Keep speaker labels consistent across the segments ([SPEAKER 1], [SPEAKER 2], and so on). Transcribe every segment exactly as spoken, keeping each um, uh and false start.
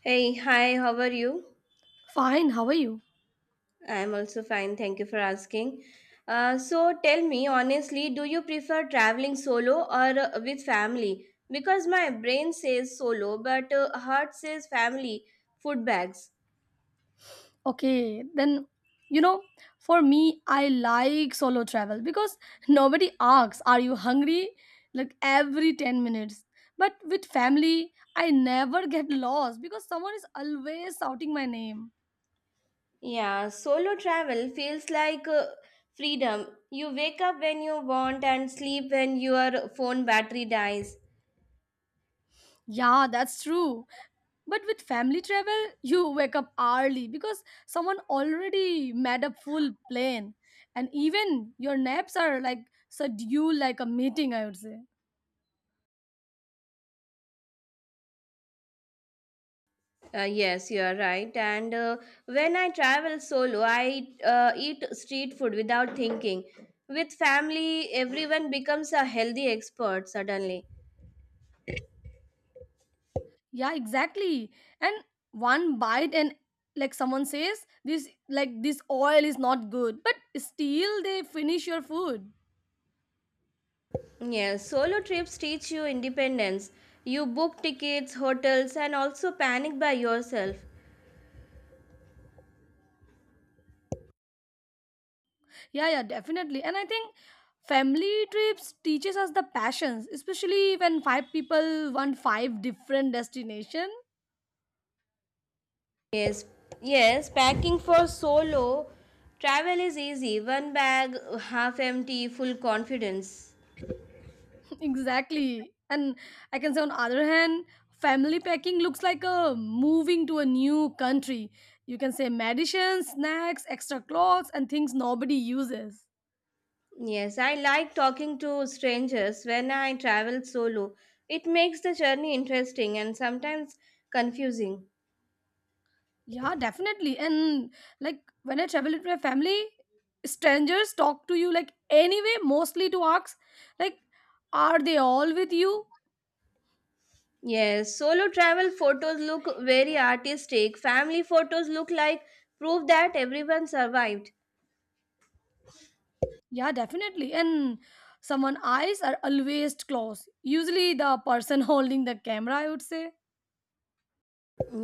[SPEAKER 1] Hey, hi, how are you?
[SPEAKER 2] Fine, how are you?
[SPEAKER 1] I'm also fine, thank you for asking. Uh, so tell me honestly, do you prefer traveling solo or uh, with family? Because my brain says solo, but uh, heart says family, food bags.
[SPEAKER 2] Okay, then you know, for me, I like solo travel because nobody asks, are you hungry? Like every ten minutes. But with family, I never get lost because someone is always shouting my name.
[SPEAKER 1] Yeah, solo travel feels like uh, freedom. You wake up when you want and sleep when your phone battery dies.
[SPEAKER 2] Yeah, that's true. But with family travel, you wake up early because someone already made a full plan. And even your naps are like scheduled like a meeting, I would say.
[SPEAKER 1] Uh, yes, you are right. And uh, when I travel solo, I uh, eat street food without thinking. With family, everyone becomes a healthy expert suddenly.
[SPEAKER 2] Yeah, exactly. And one bite and like someone says this like this oil is not good, but still they finish your food.
[SPEAKER 1] Yes, solo trips teach you independence. You book tickets, hotels, and also panic by yourself.
[SPEAKER 2] Yeah, yeah, definitely. And I think family trips teaches us the passions, especially when five people want five different destination.
[SPEAKER 1] Yes, yes, packing for solo travel is easy. One bag, half empty, full confidence.
[SPEAKER 2] Exactly. And I can say on other hand, family packing looks like a moving to a new country. You can say medicines, snacks, extra clothes and things nobody uses.
[SPEAKER 1] Yes, I like talking to strangers when I travel solo. It makes the journey interesting and sometimes confusing.
[SPEAKER 2] Yeah, definitely. And like when I travel with my family, strangers talk to you like anyway, mostly to ask, like, are they all with you?
[SPEAKER 1] Yes, solo travel photos look very artistic. Family photos look like proof that everyone survived.
[SPEAKER 2] Yeah, definitely. And someone eyes are always close. Usually the person holding the camera, I would say.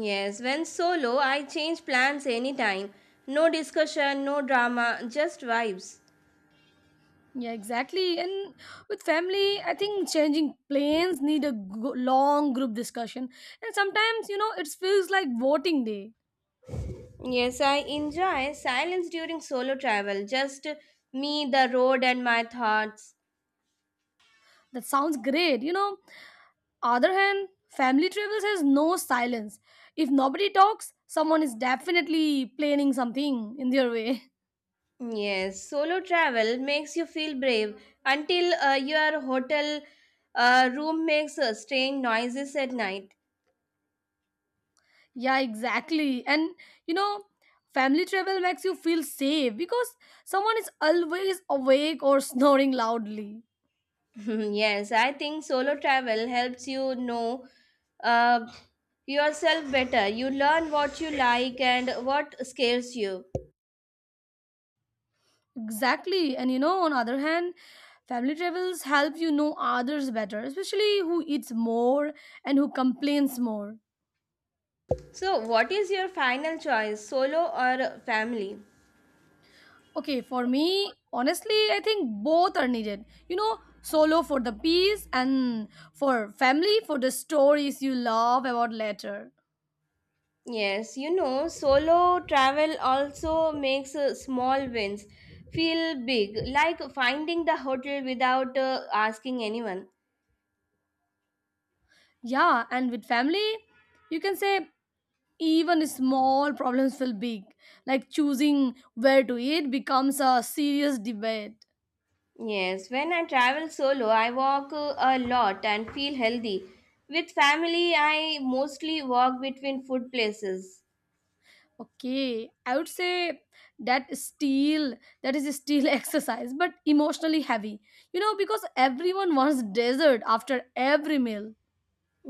[SPEAKER 1] Yes, when solo, I change plans anytime. No discussion, no drama, just vibes.
[SPEAKER 2] Yeah, exactly. And with family, I think changing planes need a g- long group discussion. And sometimes, you know, it feels like voting day.
[SPEAKER 1] Yes, I enjoy silence during solo travel. Just me, the road, and my thoughts.
[SPEAKER 2] That sounds great, you know other hand, family travels has no silence. If nobody talks, someone is definitely planning something in their way.
[SPEAKER 1] Yes, solo travel makes you feel brave until uh, your hotel uh, room makes uh, strange noises at night.
[SPEAKER 2] Yeah, exactly. And you know, family travel makes you feel safe because someone is always awake or snoring loudly.
[SPEAKER 1] Yes, I think solo travel helps you know uh, yourself better. You learn what you like and what scares you.
[SPEAKER 2] Exactly. And you know, on other hand, family travels help you know others better, especially who eats more and who complains more.
[SPEAKER 1] So, what is your final choice, solo or family?
[SPEAKER 2] Okay, for me, honestly, I think both are needed. You know, solo for the peace and for family for the stories you love about later.
[SPEAKER 1] Yes, you know, solo travel also makes uh, small wins feel big, like finding the hotel without uh, asking anyone.
[SPEAKER 2] Yeah, and with family, you can say even small problems feel big. Like choosing where to eat becomes a serious debate.
[SPEAKER 1] Yes, when I travel solo, I walk uh, a lot and feel healthy. With family, I mostly walk between food places.
[SPEAKER 2] Okay, I would say that still that is still exercise, but emotionally heavy. You know, because everyone wants dessert after every meal.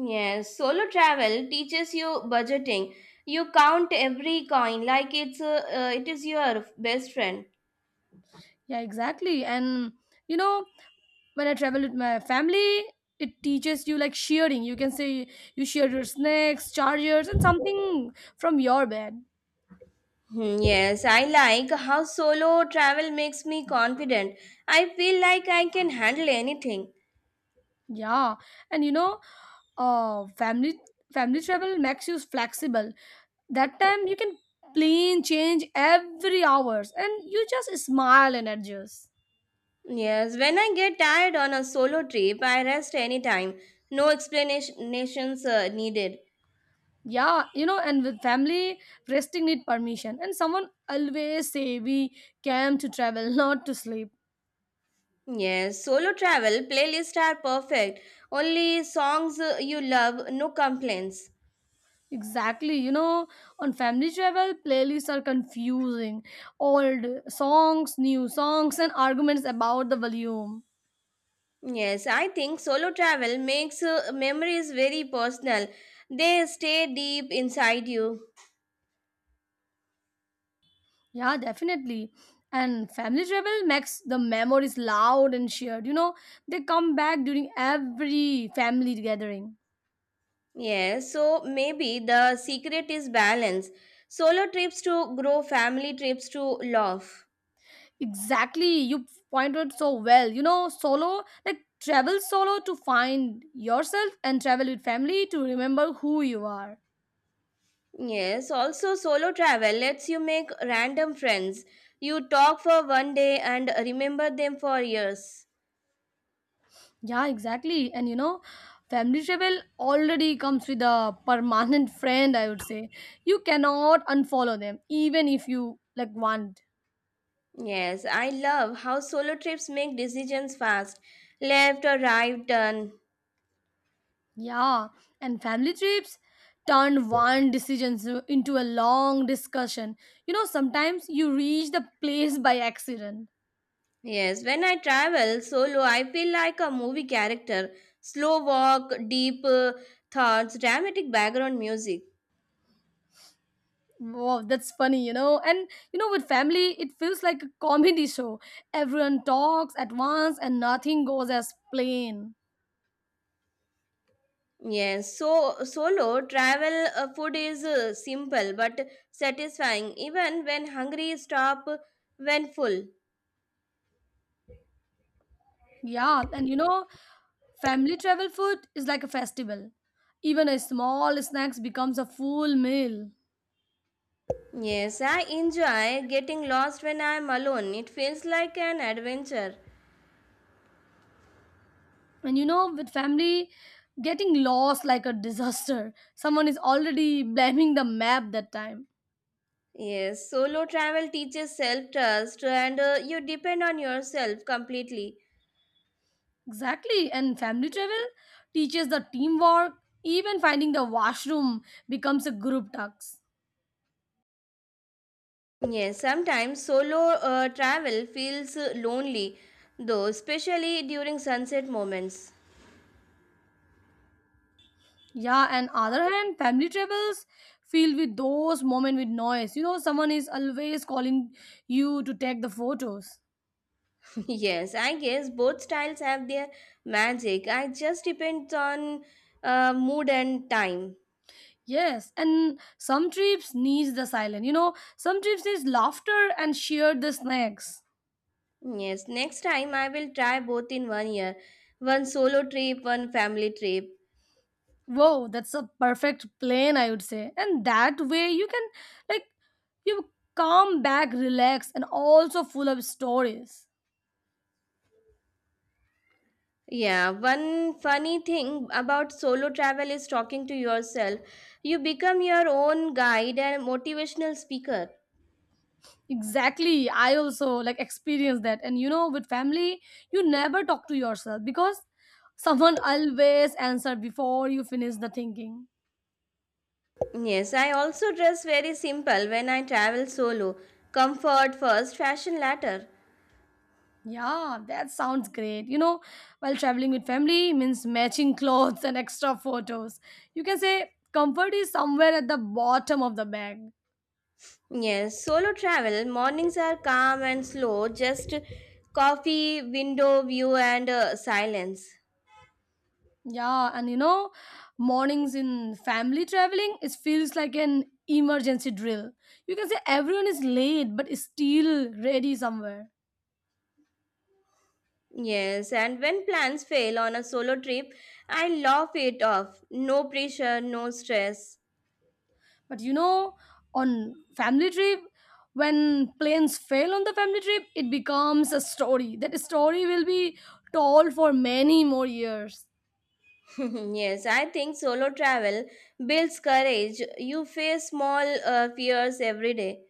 [SPEAKER 1] Yes, solo travel teaches you budgeting. You count every coin like it's uh, uh, it is your best friend.
[SPEAKER 2] Yeah, exactly. And you know, when I travel with my family, it teaches you like shearing. You can say you shear your snakes, chargers, and something from your bed.
[SPEAKER 1] Hmm, yes, I like how solo travel makes me confident. I feel like I can handle anything.
[SPEAKER 2] Yeah, and you know, uh, family family travel makes you flexible. That time you can plan change every hours, and you just smile and adjust.
[SPEAKER 1] Yes, when I get tired on a solo trip, I rest anytime. No explanations uh, needed.
[SPEAKER 2] Yeah, you know, and with family, resting need permission, and someone always say we came to travel, not to sleep.
[SPEAKER 1] Yes, solo travel playlists are perfect. Only songs uh, you love, no complaints.
[SPEAKER 2] Exactly. You know, on family travel, playlists are confusing. Old songs, new songs, and arguments about the volume.
[SPEAKER 1] Yes, I think solo travel makes uh, memories very personal. They stay deep inside you.
[SPEAKER 2] Yeah, definitely. And family travel makes the memories loud and shared. You know, they come back during every family gathering.
[SPEAKER 1] Yes, so maybe the secret is balance. Solo trips to grow, family trips to love.
[SPEAKER 2] Exactly. You pointed so well. You know, solo, like travel solo to find yourself and travel with family to remember who you are.
[SPEAKER 1] Yes, also solo travel lets you make random friends. You talk for one day and remember them for years.
[SPEAKER 2] Yeah, exactly. And you know, family travel already comes with a permanent friend, I would say. You cannot unfollow them, even if you like want.
[SPEAKER 1] Yes, I love how solo trips make decisions fast. Left or right turn.
[SPEAKER 2] Yeah. And family trips turn one decision s- into a long discussion. You know, sometimes you reach the place by accident.
[SPEAKER 1] Yes, when I travel solo, I feel like a movie character. Slow walk, deep uh, thoughts, dramatic background music.
[SPEAKER 2] Wow, that's funny, you know. And you know, with family, it feels like a comedy show. Everyone talks at once and nothing goes as planned.
[SPEAKER 1] Yes, so solo travel uh, food is uh, simple but satisfying even when hungry, stop when full.
[SPEAKER 2] Yeah, and you know, family travel food is like a festival. Even a small snacks becomes a full meal.
[SPEAKER 1] Yes, I enjoy getting lost when I am alone. It feels like an adventure.
[SPEAKER 2] And you know, with family getting lost like a disaster, someone is already blaming the map that time.
[SPEAKER 1] Yes, solo travel teaches self trust and uh, you depend on yourself completely.
[SPEAKER 2] Exactly. And family travel teaches the teamwork. Even finding the washroom becomes a group task.
[SPEAKER 1] Yes, sometimes solo uh, travel feels uh, lonely though, especially during sunset moments.
[SPEAKER 2] Yeah, and other hand, family travels filled with those moment with noise. You know, someone is always calling you to take the photos.
[SPEAKER 1] Yes, I guess both styles have their magic. I just depends on uh, mood and time.
[SPEAKER 2] Yes, and some trips needs the silence. You know, some trips needs laughter and share the snacks.
[SPEAKER 1] Yes, next time I will try both in one year. One solo trip, one family trip.
[SPEAKER 2] Whoa, that's a perfect plan, I would say. And that way you can like you come back relaxed and also full of stories.
[SPEAKER 1] Yeah, one funny thing about solo travel is talking to yourself. You become your own guide and motivational speaker.
[SPEAKER 2] Exactly. I also like experience that. And you know, with family, you never talk to yourself because someone always answer before you finish the thinking.
[SPEAKER 1] Yes, I also dress very simple when I travel solo. Comfort first, fashion latter.
[SPEAKER 2] Yeah, that sounds great. You know, while traveling with family means matching clothes and extra photos. You can say comfort is somewhere at the bottom of the bag.
[SPEAKER 1] Yes, solo travel mornings are calm and slow, just coffee, window view, and uh, silence.
[SPEAKER 2] Yeah, and you know, mornings in family traveling, it feels like an emergency drill. You can say everyone is late but still ready somewhere.
[SPEAKER 1] Yes, and when plans fail on a solo trip, I laugh it off. No pressure, no stress.
[SPEAKER 2] But you know, on family trip, when planes fail on the family trip, it becomes a story. That story will be told for many more years.
[SPEAKER 1] Yes, I think solo travel builds courage. You face small uh, fears every day.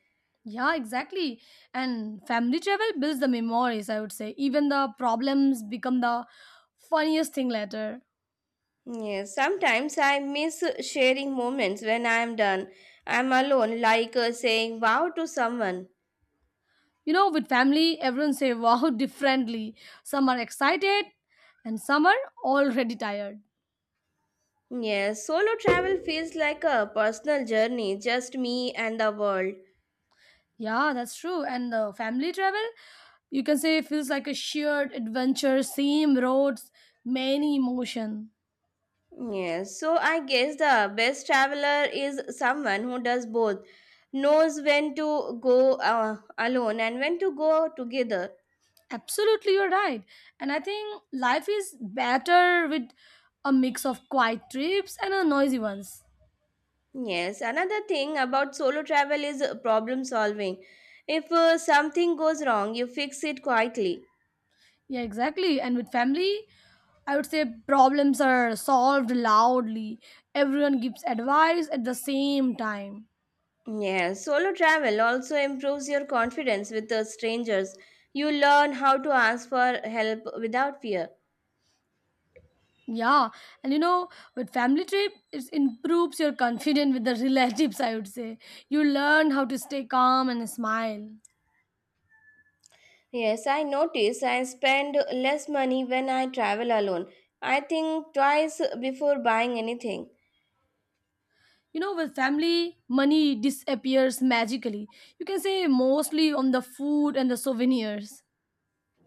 [SPEAKER 2] Yeah, exactly. And family travel builds the memories, I would say. Even the problems become the funniest thing later.
[SPEAKER 1] Yes, sometimes I miss sharing moments when I am done. I am alone, like uh, saying wow to someone.
[SPEAKER 2] You know, with family, everyone say wow differently. Some are excited and some are already tired.
[SPEAKER 1] Yes, solo travel feels like a personal journey, just me and the world.
[SPEAKER 2] Yeah, that's true. And the family travel, you can say feels like a shared adventure, same roads, many emotion.
[SPEAKER 1] Yes, so I guess the best traveler is someone who does both, knows when to go uh, alone and when to go together.
[SPEAKER 2] Absolutely, you're right. And I think life is better with a mix of quiet trips and a noisy ones.
[SPEAKER 1] Yes, another thing about solo travel is problem solving. If uh, something goes wrong, you fix it quietly.
[SPEAKER 2] Yeah, exactly. And with family, I would say problems are solved loudly. Everyone gives advice at the same time.
[SPEAKER 1] Yes, solo travel also improves your confidence with the strangers. You learn how to ask for help without fear.
[SPEAKER 2] Yeah, and you know, with family trip, it improves your confidence with the relatives, I would say. You learn how to stay calm and smile.
[SPEAKER 1] Yes, I notice I spend less money when I travel alone. I think twice before buying anything.
[SPEAKER 2] You know, with family, money disappears magically. You can say mostly on the food and the souvenirs.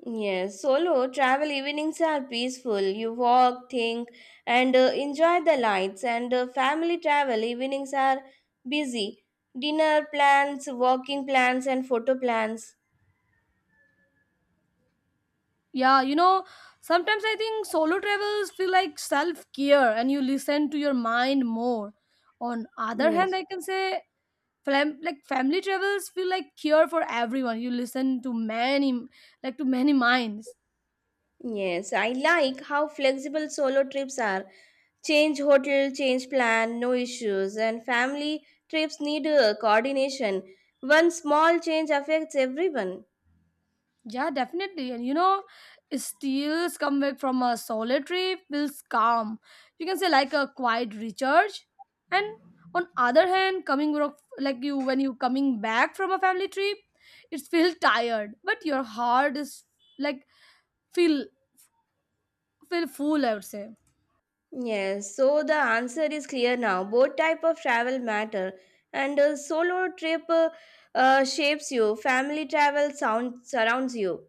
[SPEAKER 1] Yes, solo travel evenings are peaceful. You walk, think, and uh, enjoy the lights. And uh, family travel evenings are busy. Dinner plans, walking plans, and photo plans.
[SPEAKER 2] Yeah, you know, sometimes I think solo travels feel like self care and you listen to your mind more. On other hand,
[SPEAKER 1] Yes.
[SPEAKER 2] I can say fam- like family travels feel like care for everyone. You listen to many like to many minds.
[SPEAKER 1] Yes, I like how flexible solo trips are. Change hotel, change plan, no issues. And family trips need uh, coordination. One small change affects everyone.
[SPEAKER 2] Yeah, definitely. And you know, steals come back from a solitary feels calm. You can say like a quiet recharge. And on other hand, coming ro- like you when you coming back from a family trip, it feels tired, but your heart is like feel feel full. I would say.
[SPEAKER 1] Yes, so the answer is clear now. Both type of travel matter. And a solo trip uh, uh, shapes you. Family travel sound surrounds you.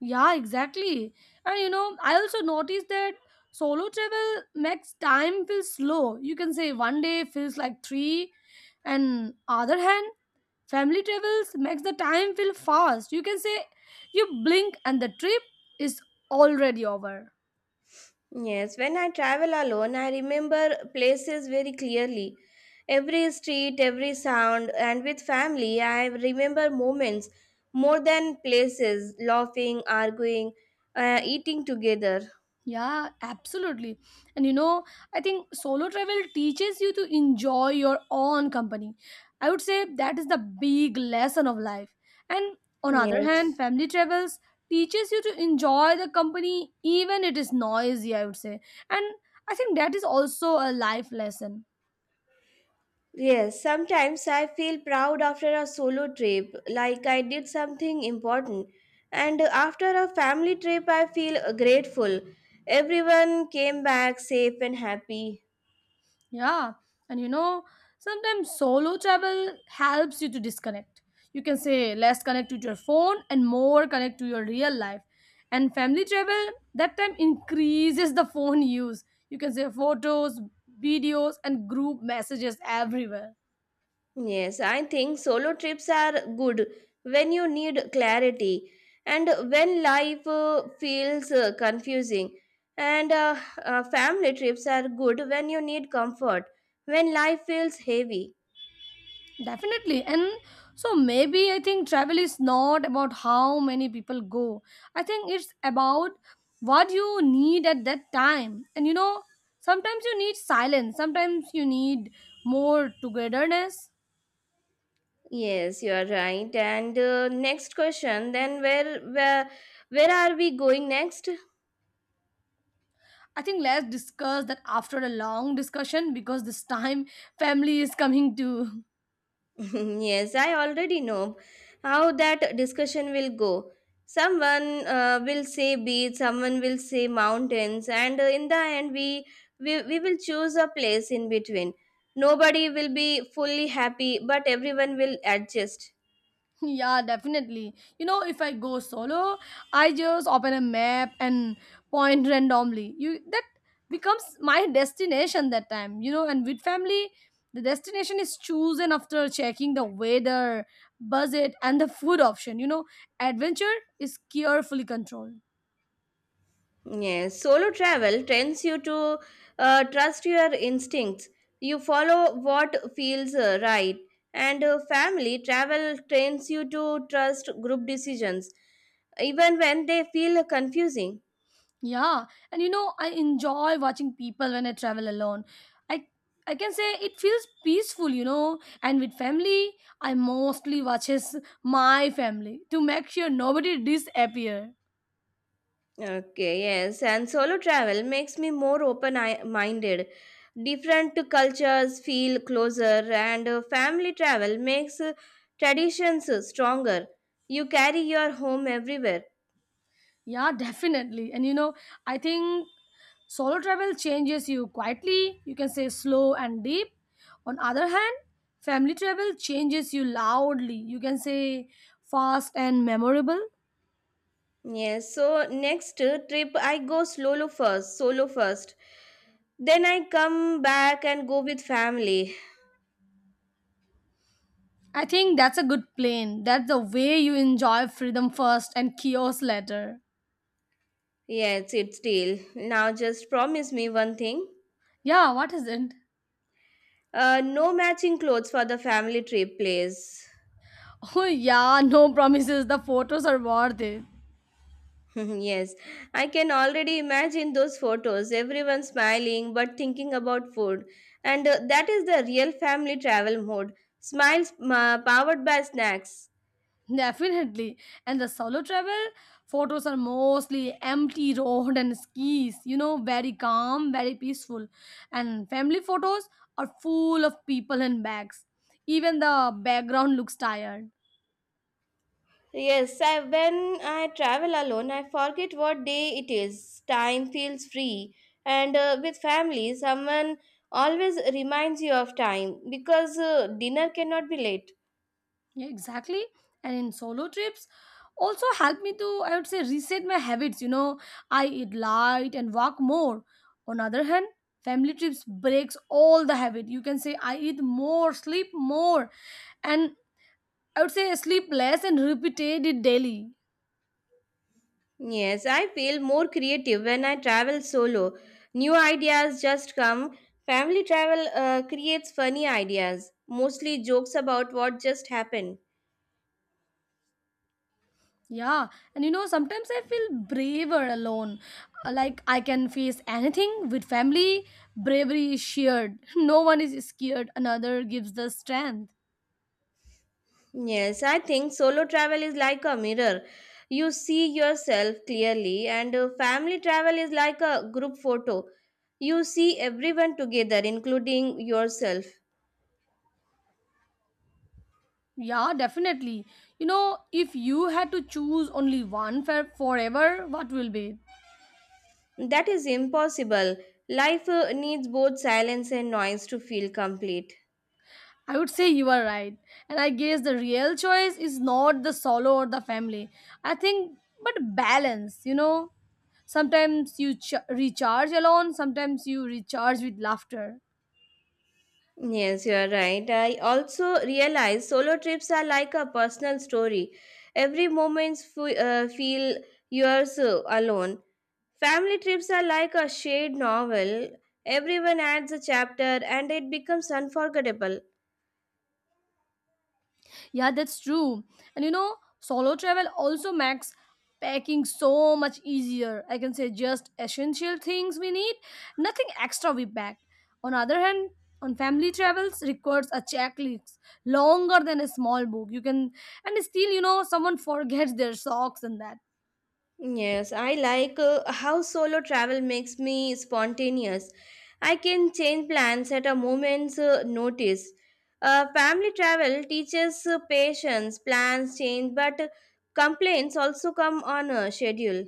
[SPEAKER 2] Yeah, exactly. And you know, I also noticed that solo travel makes time feel slow. You can say one day feels like three, and other hand family travels makes the time feel fast. You can say you blink and the trip is already over.
[SPEAKER 1] Yes, when I travel alone, I remember places very clearly. Every street, every sound, and with family, I remember moments more than places, laughing, arguing, uh, eating together.
[SPEAKER 2] Yeah, absolutely. And you know, I think solo travel teaches you to enjoy your own company. I would say that is the big lesson of life. And on other hand,
[SPEAKER 1] Yes.
[SPEAKER 2] family travels teaches you to enjoy the company even it is noisy, I would say. And I think that is also a life lesson.
[SPEAKER 1] Yes, sometimes I feel proud after a solo trip, like I did something important. And after a family trip, I feel grateful. Everyone came back safe and happy.
[SPEAKER 2] Yeah, and you know, sometimes solo travel helps you to disconnect. You can say less connect to your phone and more connect to your real life. And family travel, that time increases the phone use. You can say photos, videos, and group messages everywhere.
[SPEAKER 1] Yes, I think solo trips are good when you need clarity and when life uh, feels uh, confusing. And uh, uh, family trips are good when you need comfort, when life feels heavy.
[SPEAKER 2] Definitely. And so maybe I think travel is not about how many people go. I think it's about what you need at that time. And you know, sometimes you need silence, sometimes you need more togetherness.
[SPEAKER 1] Yes, you are right. And uh, next question then, where, where, where are we going next?
[SPEAKER 2] I think let's discuss that after a long discussion because this time family is coming too.
[SPEAKER 1] Yes, I already know how that discussion will go. Someone uh, will say beach, someone will say mountains, and uh, in the end, we, we we will choose a place in between. Nobody will be fully happy, but everyone will adjust.
[SPEAKER 2] Yeah, definitely. You know, if I go solo, I just open a map and point randomly. You that becomes my destination that time, you know, and with family, the destination is chosen after checking the weather, budget and the food option. You know, adventure is carefully controlled.
[SPEAKER 1] Yes, solo travel trains you to uh, trust your instincts. You follow what feels uh, right. And uh, family travel trains you to trust group decisions, even when they feel confusing.
[SPEAKER 2] Yeah, and you know, I enjoy watching people when I travel alone. I I can say it feels peaceful, you know. And with family, I mostly watches my family to make sure nobody disappear.
[SPEAKER 1] Okay, yes. And solo travel makes me more open minded. Different cultures feel closer, and uh, family travel makes uh, traditions uh, stronger. You carry your home everywhere.
[SPEAKER 2] Yeah, definitely. And you know, I think solo travel changes you quietly. You can say slow and deep. On other hand, family travel changes you loudly. You can say fast and memorable.
[SPEAKER 1] Yes, so next uh, trip I go solo first, solo first. Then I come back and go with family.
[SPEAKER 2] I think that's a good plan. That's the way you enjoy freedom first and chaos later.
[SPEAKER 1] Yes, it's deal. Now just promise me one thing.
[SPEAKER 2] Yeah, what is it?
[SPEAKER 1] Uh, no matching clothes for the family trip, please.
[SPEAKER 2] Oh, yeah, no promises. The photos are worth it.
[SPEAKER 1] Yes, I can already imagine those photos. Everyone smiling but thinking about food. And uh, that is the real family travel mode. Smiles uh, powered by snacks.
[SPEAKER 2] Definitely. And the solo travel photos are mostly empty road and skis, you know, very calm, very peaceful. And family photos are full of people and bags. Even the background looks tired.
[SPEAKER 1] Yes, I, when I travel alone, I forget what day it is. Time feels free. And uh, with family, someone always reminds you of time because uh, dinner cannot be late.
[SPEAKER 2] Yeah, exactly. And in solo trips, also help me to, I would say, reset my habits. You know, I eat light and walk more. On other hand, family trips breaks all the habit. You can say I eat more, sleep more, and I would say sleep less and repeated it daily.
[SPEAKER 1] Yes, I feel more creative when I travel solo. New ideas just come. Family travel uh, creates funny ideas, mostly jokes about what just happened.
[SPEAKER 2] Yeah, and you know, sometimes I feel braver alone. Like I can face anything with family. Bravery is shared. No one is scared. Another gives the strength.
[SPEAKER 1] Yes, I think solo travel is like a mirror. You see yourself clearly, and uh, family travel is like a group photo. You see everyone together, including yourself.
[SPEAKER 2] Yeah, definitely. You know, if you had to choose only one for forever, what will be? It?
[SPEAKER 1] That is impossible. Life uh, needs both silence and noise to feel complete.
[SPEAKER 2] I would say you are right. And I guess the real choice is not the solo or the family. I think, but balance, you know. Sometimes you ch- recharge alone, sometimes you recharge with laughter.
[SPEAKER 1] Yes, you are right. I also realize solo trips are like a personal story. Every moment f- uh, feel yours uh, alone. Family trips are like a shared novel. Everyone adds a chapter and it becomes unforgettable.
[SPEAKER 2] Yeah, that's true. And you know, solo travel also makes packing so much easier. I can say just essential things we need, nothing extra we pack. On other hand, on family travels requires a checklist longer than a small book. You can and still, you know, someone forgets their socks and that.
[SPEAKER 1] Yes, I like uh, how solo travel makes me spontaneous. I can change plans at a moment's uh, notice. Uh, family travel teaches uh, patience, plans change, but uh, complaints also come on a schedule.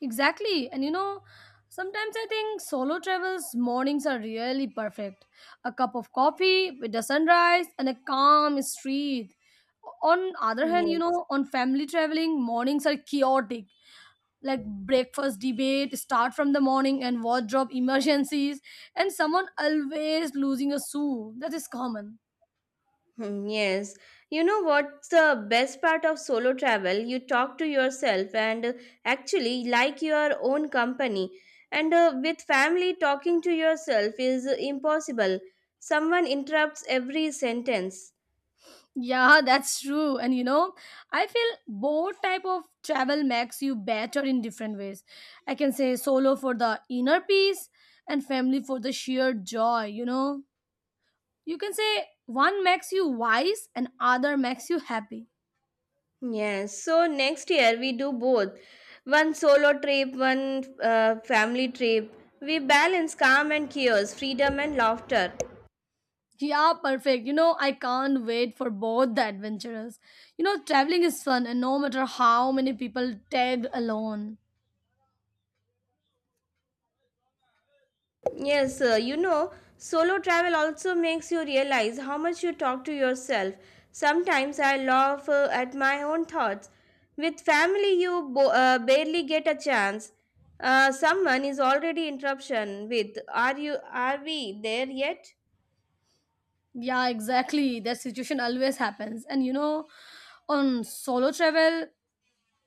[SPEAKER 2] Exactly. And you know, sometimes I think solo travels mornings are really perfect. A cup of coffee with the sunrise and a calm street. On other hand, you
[SPEAKER 1] Yes.
[SPEAKER 2] know, on family traveling, mornings are chaotic. Like breakfast debate, start from the morning and wardrobe emergencies, and someone always losing a shoe. That is common.
[SPEAKER 1] Hmm, yes. You know what's the best part of solo travel? You talk to yourself and uh, actually like your own company. And uh, with family, talking to yourself is uh, impossible. Someone interrupts every sentence.
[SPEAKER 2] Yeah, that's true. And you know, I feel both type of travel makes you better in different ways. I can say solo for the inner peace and family for the sheer joy, you know. You can say one makes you wise and other makes you happy.
[SPEAKER 1] Yes. So next year we do both one solo trip, one uh, family trip. We balance calm and chaos, freedom and laughter.
[SPEAKER 2] Yeah, perfect. You know, I can't wait for both the adventurers. You know, traveling is fun and no matter how many people tag alone.
[SPEAKER 1] Yes, uh, you know, solo travel also makes you realize how much you talk to yourself. Sometimes I laugh uh, at my own thoughts. With family, you bo- uh, barely get a chance. Uh, someone is already interruption with, "Are you? Are we there yet?"
[SPEAKER 2] Yeah, exactly. That situation always happens. And you know, on solo travel,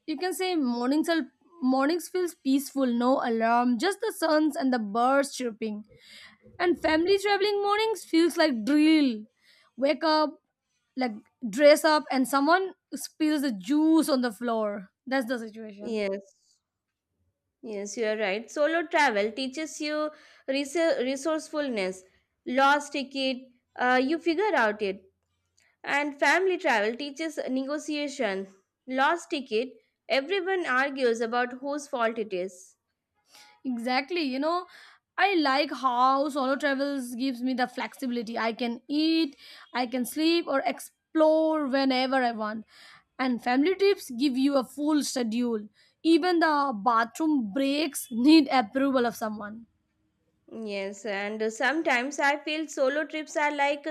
[SPEAKER 2] you can say mornings are mornings feels peaceful, no alarm, just the suns and the birds chirping, and family traveling mornings feels like drill, wake up, like dress up, and someone spills the juice on the floor. That's the situation.
[SPEAKER 1] Yes, yes, you are right. Solo travel teaches you res- resourcefulness. Lost ticket, uh, you figure out it. And family travel teaches negotiation. Lost ticket, everyone argues about whose fault it is.
[SPEAKER 2] Exactly. You know, I like how solo travels gives me the flexibility. I can eat, I can sleep, or explore whenever I want. And family trips give you a full schedule. Even the bathroom breaks need approval of someone.
[SPEAKER 1] Yes, and sometimes I feel solo trips are like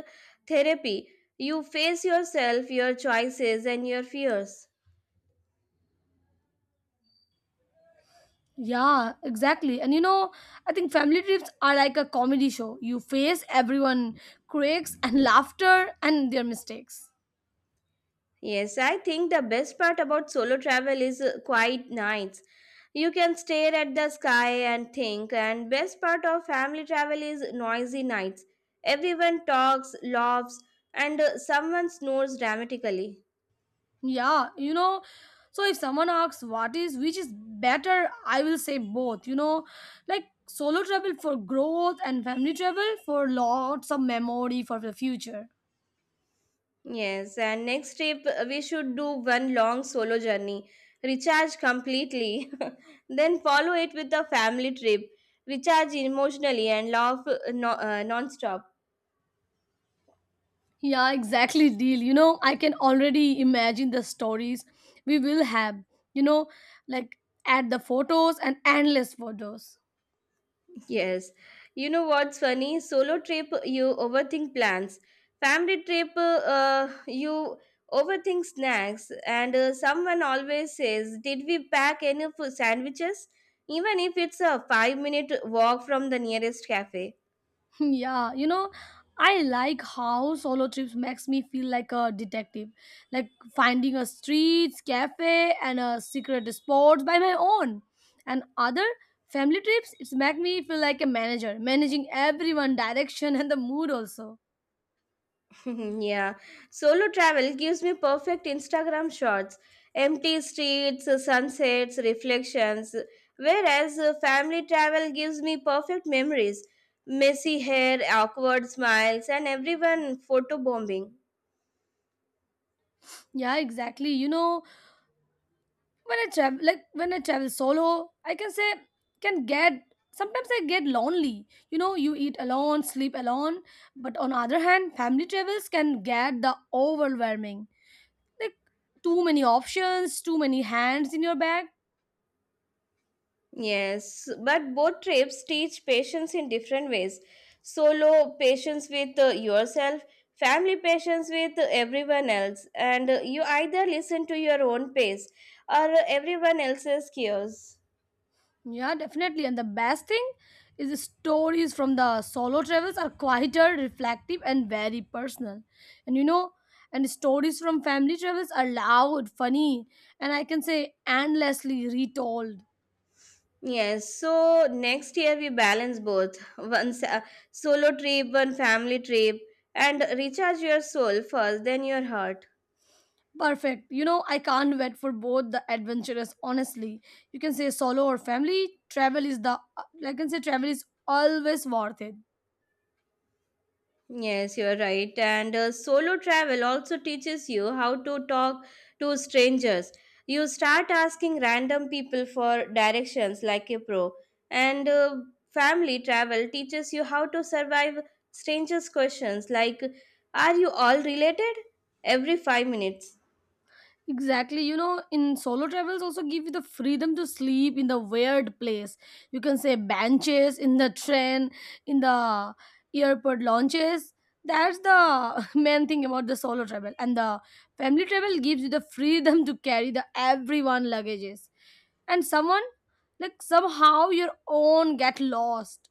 [SPEAKER 1] therapy. You face yourself, your choices, and your fears.
[SPEAKER 2] Yeah, exactly. And you know, I think family trips are like a comedy show. You face everyone, critics, and laughter, and their mistakes.
[SPEAKER 1] Yes, I think the best part about solo travel is uh, quiet nights. You can stare at the sky and think, and best part of family travel is noisy nights. Everyone talks, laughs, and uh, someone snores dramatically.
[SPEAKER 2] Yeah, you know, so if someone asks what is which is better, I will say both, you know, like solo travel for growth and family travel for lots of memory for the future.
[SPEAKER 1] Yes, and next trip uh, we should do one long solo journey, recharge completely, then follow it with a family trip, recharge emotionally and laugh uh, no, uh, non-stop.
[SPEAKER 2] Yeah, exactly, deal. You know, I can already imagine the stories we will have, you know, like add the photos and endless photos.
[SPEAKER 1] Yes. You know what's funny? Solo trip, you overthink plans. Family trip, uh, uh, you overthink snacks. And uh, someone always says, Did we pack enough sandwiches? Even if it's a five minute walk from the nearest cafe.
[SPEAKER 2] Yeah, you know, I like how solo trips makes me feel like a detective, like finding a streets, cafe, and a secret spot by my own. And other family trips, it's make me feel like a manager, managing everyone, direction, and the mood also.
[SPEAKER 1] Yeah, solo travel gives me perfect Instagram shots, empty streets, sunsets, reflections. Whereas uh, family travel gives me perfect memories, messy hair, awkward smiles, and everyone photo bombing.
[SPEAKER 2] Yeah, exactly. You know, when I travel, like when I travel solo, I can say can get sometimes I get lonely. You know, you eat alone, sleep alone. But on other hand, family travels can get the overwhelming. Like too many options, too many hands in your bag.
[SPEAKER 1] Yes, but both trips teach patience in different ways. Solo patience with uh, yourself, family patience with uh, everyone else, and uh, you either listen to your own pace or uh, everyone else's cues.
[SPEAKER 2] Yeah, definitely. And the best thing is the stories from the solo travels are quieter, reflective, and very personal. And you know, and stories from family travels are loud, funny, and I can say endlessly retold.
[SPEAKER 1] Yes, so next year we balance both one sa- solo trip, one family trip, and recharge your soul first, then your heart.
[SPEAKER 2] Perfect. You know, I can't wait for both the adventures, honestly. You can say solo or family, travel is the, uh, like I can say travel is always worth it.
[SPEAKER 1] Yes, you're right. And uh, solo travel also teaches you how to talk to strangers. You start asking random people for directions like a pro. And uh, family travel teaches you how to survive strangers' questions like, Are you all related? Every five minutes.
[SPEAKER 2] Exactly. You know, in solo travels also give you the freedom to sleep in the weird place. You can say benches in the train, in the airport lounges. That's the main thing about the solo travel. And the family travel gives you the freedom to carry the everyone luggages. And someone like somehow your own get lost.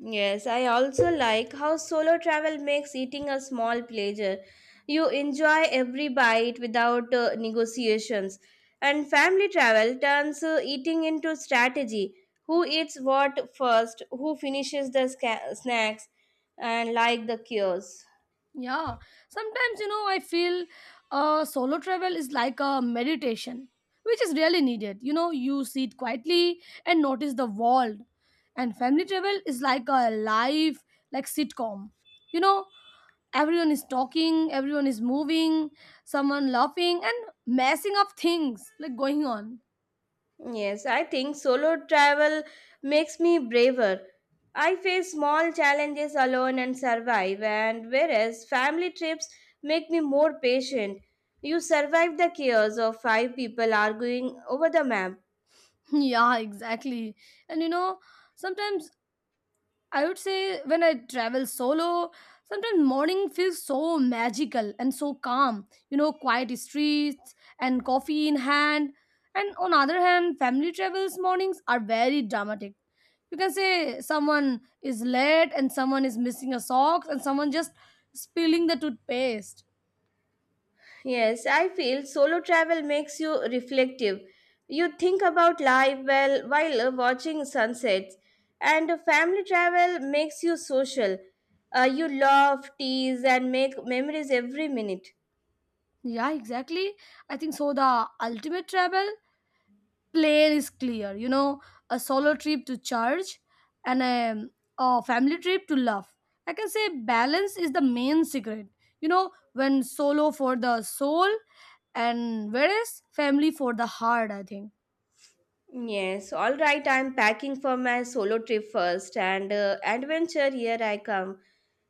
[SPEAKER 1] Yes, I also like how solo travel makes eating a small pleasure. You enjoy every bite without uh, negotiations. And family travel turns uh, eating into strategy. Who eats what first, who finishes the sca- snacks, and like the cures.
[SPEAKER 2] Yeah, sometimes you know I feel uh, solo travel is like a meditation, which is really needed. You know, you sit quietly and notice the world, and family travel is like a live like sitcom. You know, everyone is talking, everyone is moving, someone laughing and messing up things like going on.
[SPEAKER 1] Yes, I think solo travel makes me braver. I face small challenges alone and survive, and whereas family trips make me more patient. You survive the chaos of five people arguing over the map.
[SPEAKER 2] Yeah, exactly. And you know, sometimes I would say when I travel solo, sometimes morning feels so magical and so calm. You know, quiet streets and coffee in hand. And on other hand, family travels mornings are very dramatic. You can say someone is late and someone is missing a socks and someone just spilling the toothpaste.
[SPEAKER 1] Yes, I feel solo travel makes you reflective. You think about life well while uh, watching sunsets, and family travel makes you social. Uh, you laugh, tease, and make memories every minute.
[SPEAKER 2] Yeah, exactly. I think so. The ultimate travel plan is clear, you know, a solo trip to charge and a, a family trip to love. I can say balance is the main secret, you know, when solo for the soul and whereas family for the heart, I think.
[SPEAKER 1] Yes, all right. I'm packing for my solo trip first, and uh, adventure here I come.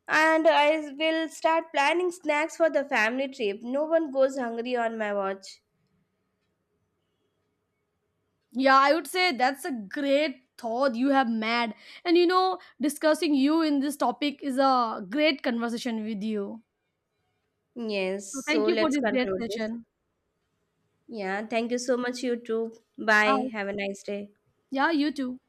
[SPEAKER 1] And I will start planning snacks for the family trip. No one goes hungry on my watch.
[SPEAKER 2] Yeah, I would say that's a great thought you have mad. And you know, discussing you in this topic is a great conversation with you.
[SPEAKER 1] Yes,
[SPEAKER 2] So
[SPEAKER 1] so
[SPEAKER 2] thank you for
[SPEAKER 1] let's
[SPEAKER 2] this great
[SPEAKER 1] conclude this.
[SPEAKER 2] session.
[SPEAKER 1] Yeah, thank you so much, you too. Bye. Have
[SPEAKER 2] Bye.
[SPEAKER 1] a nice day.
[SPEAKER 2] Yeah, you too.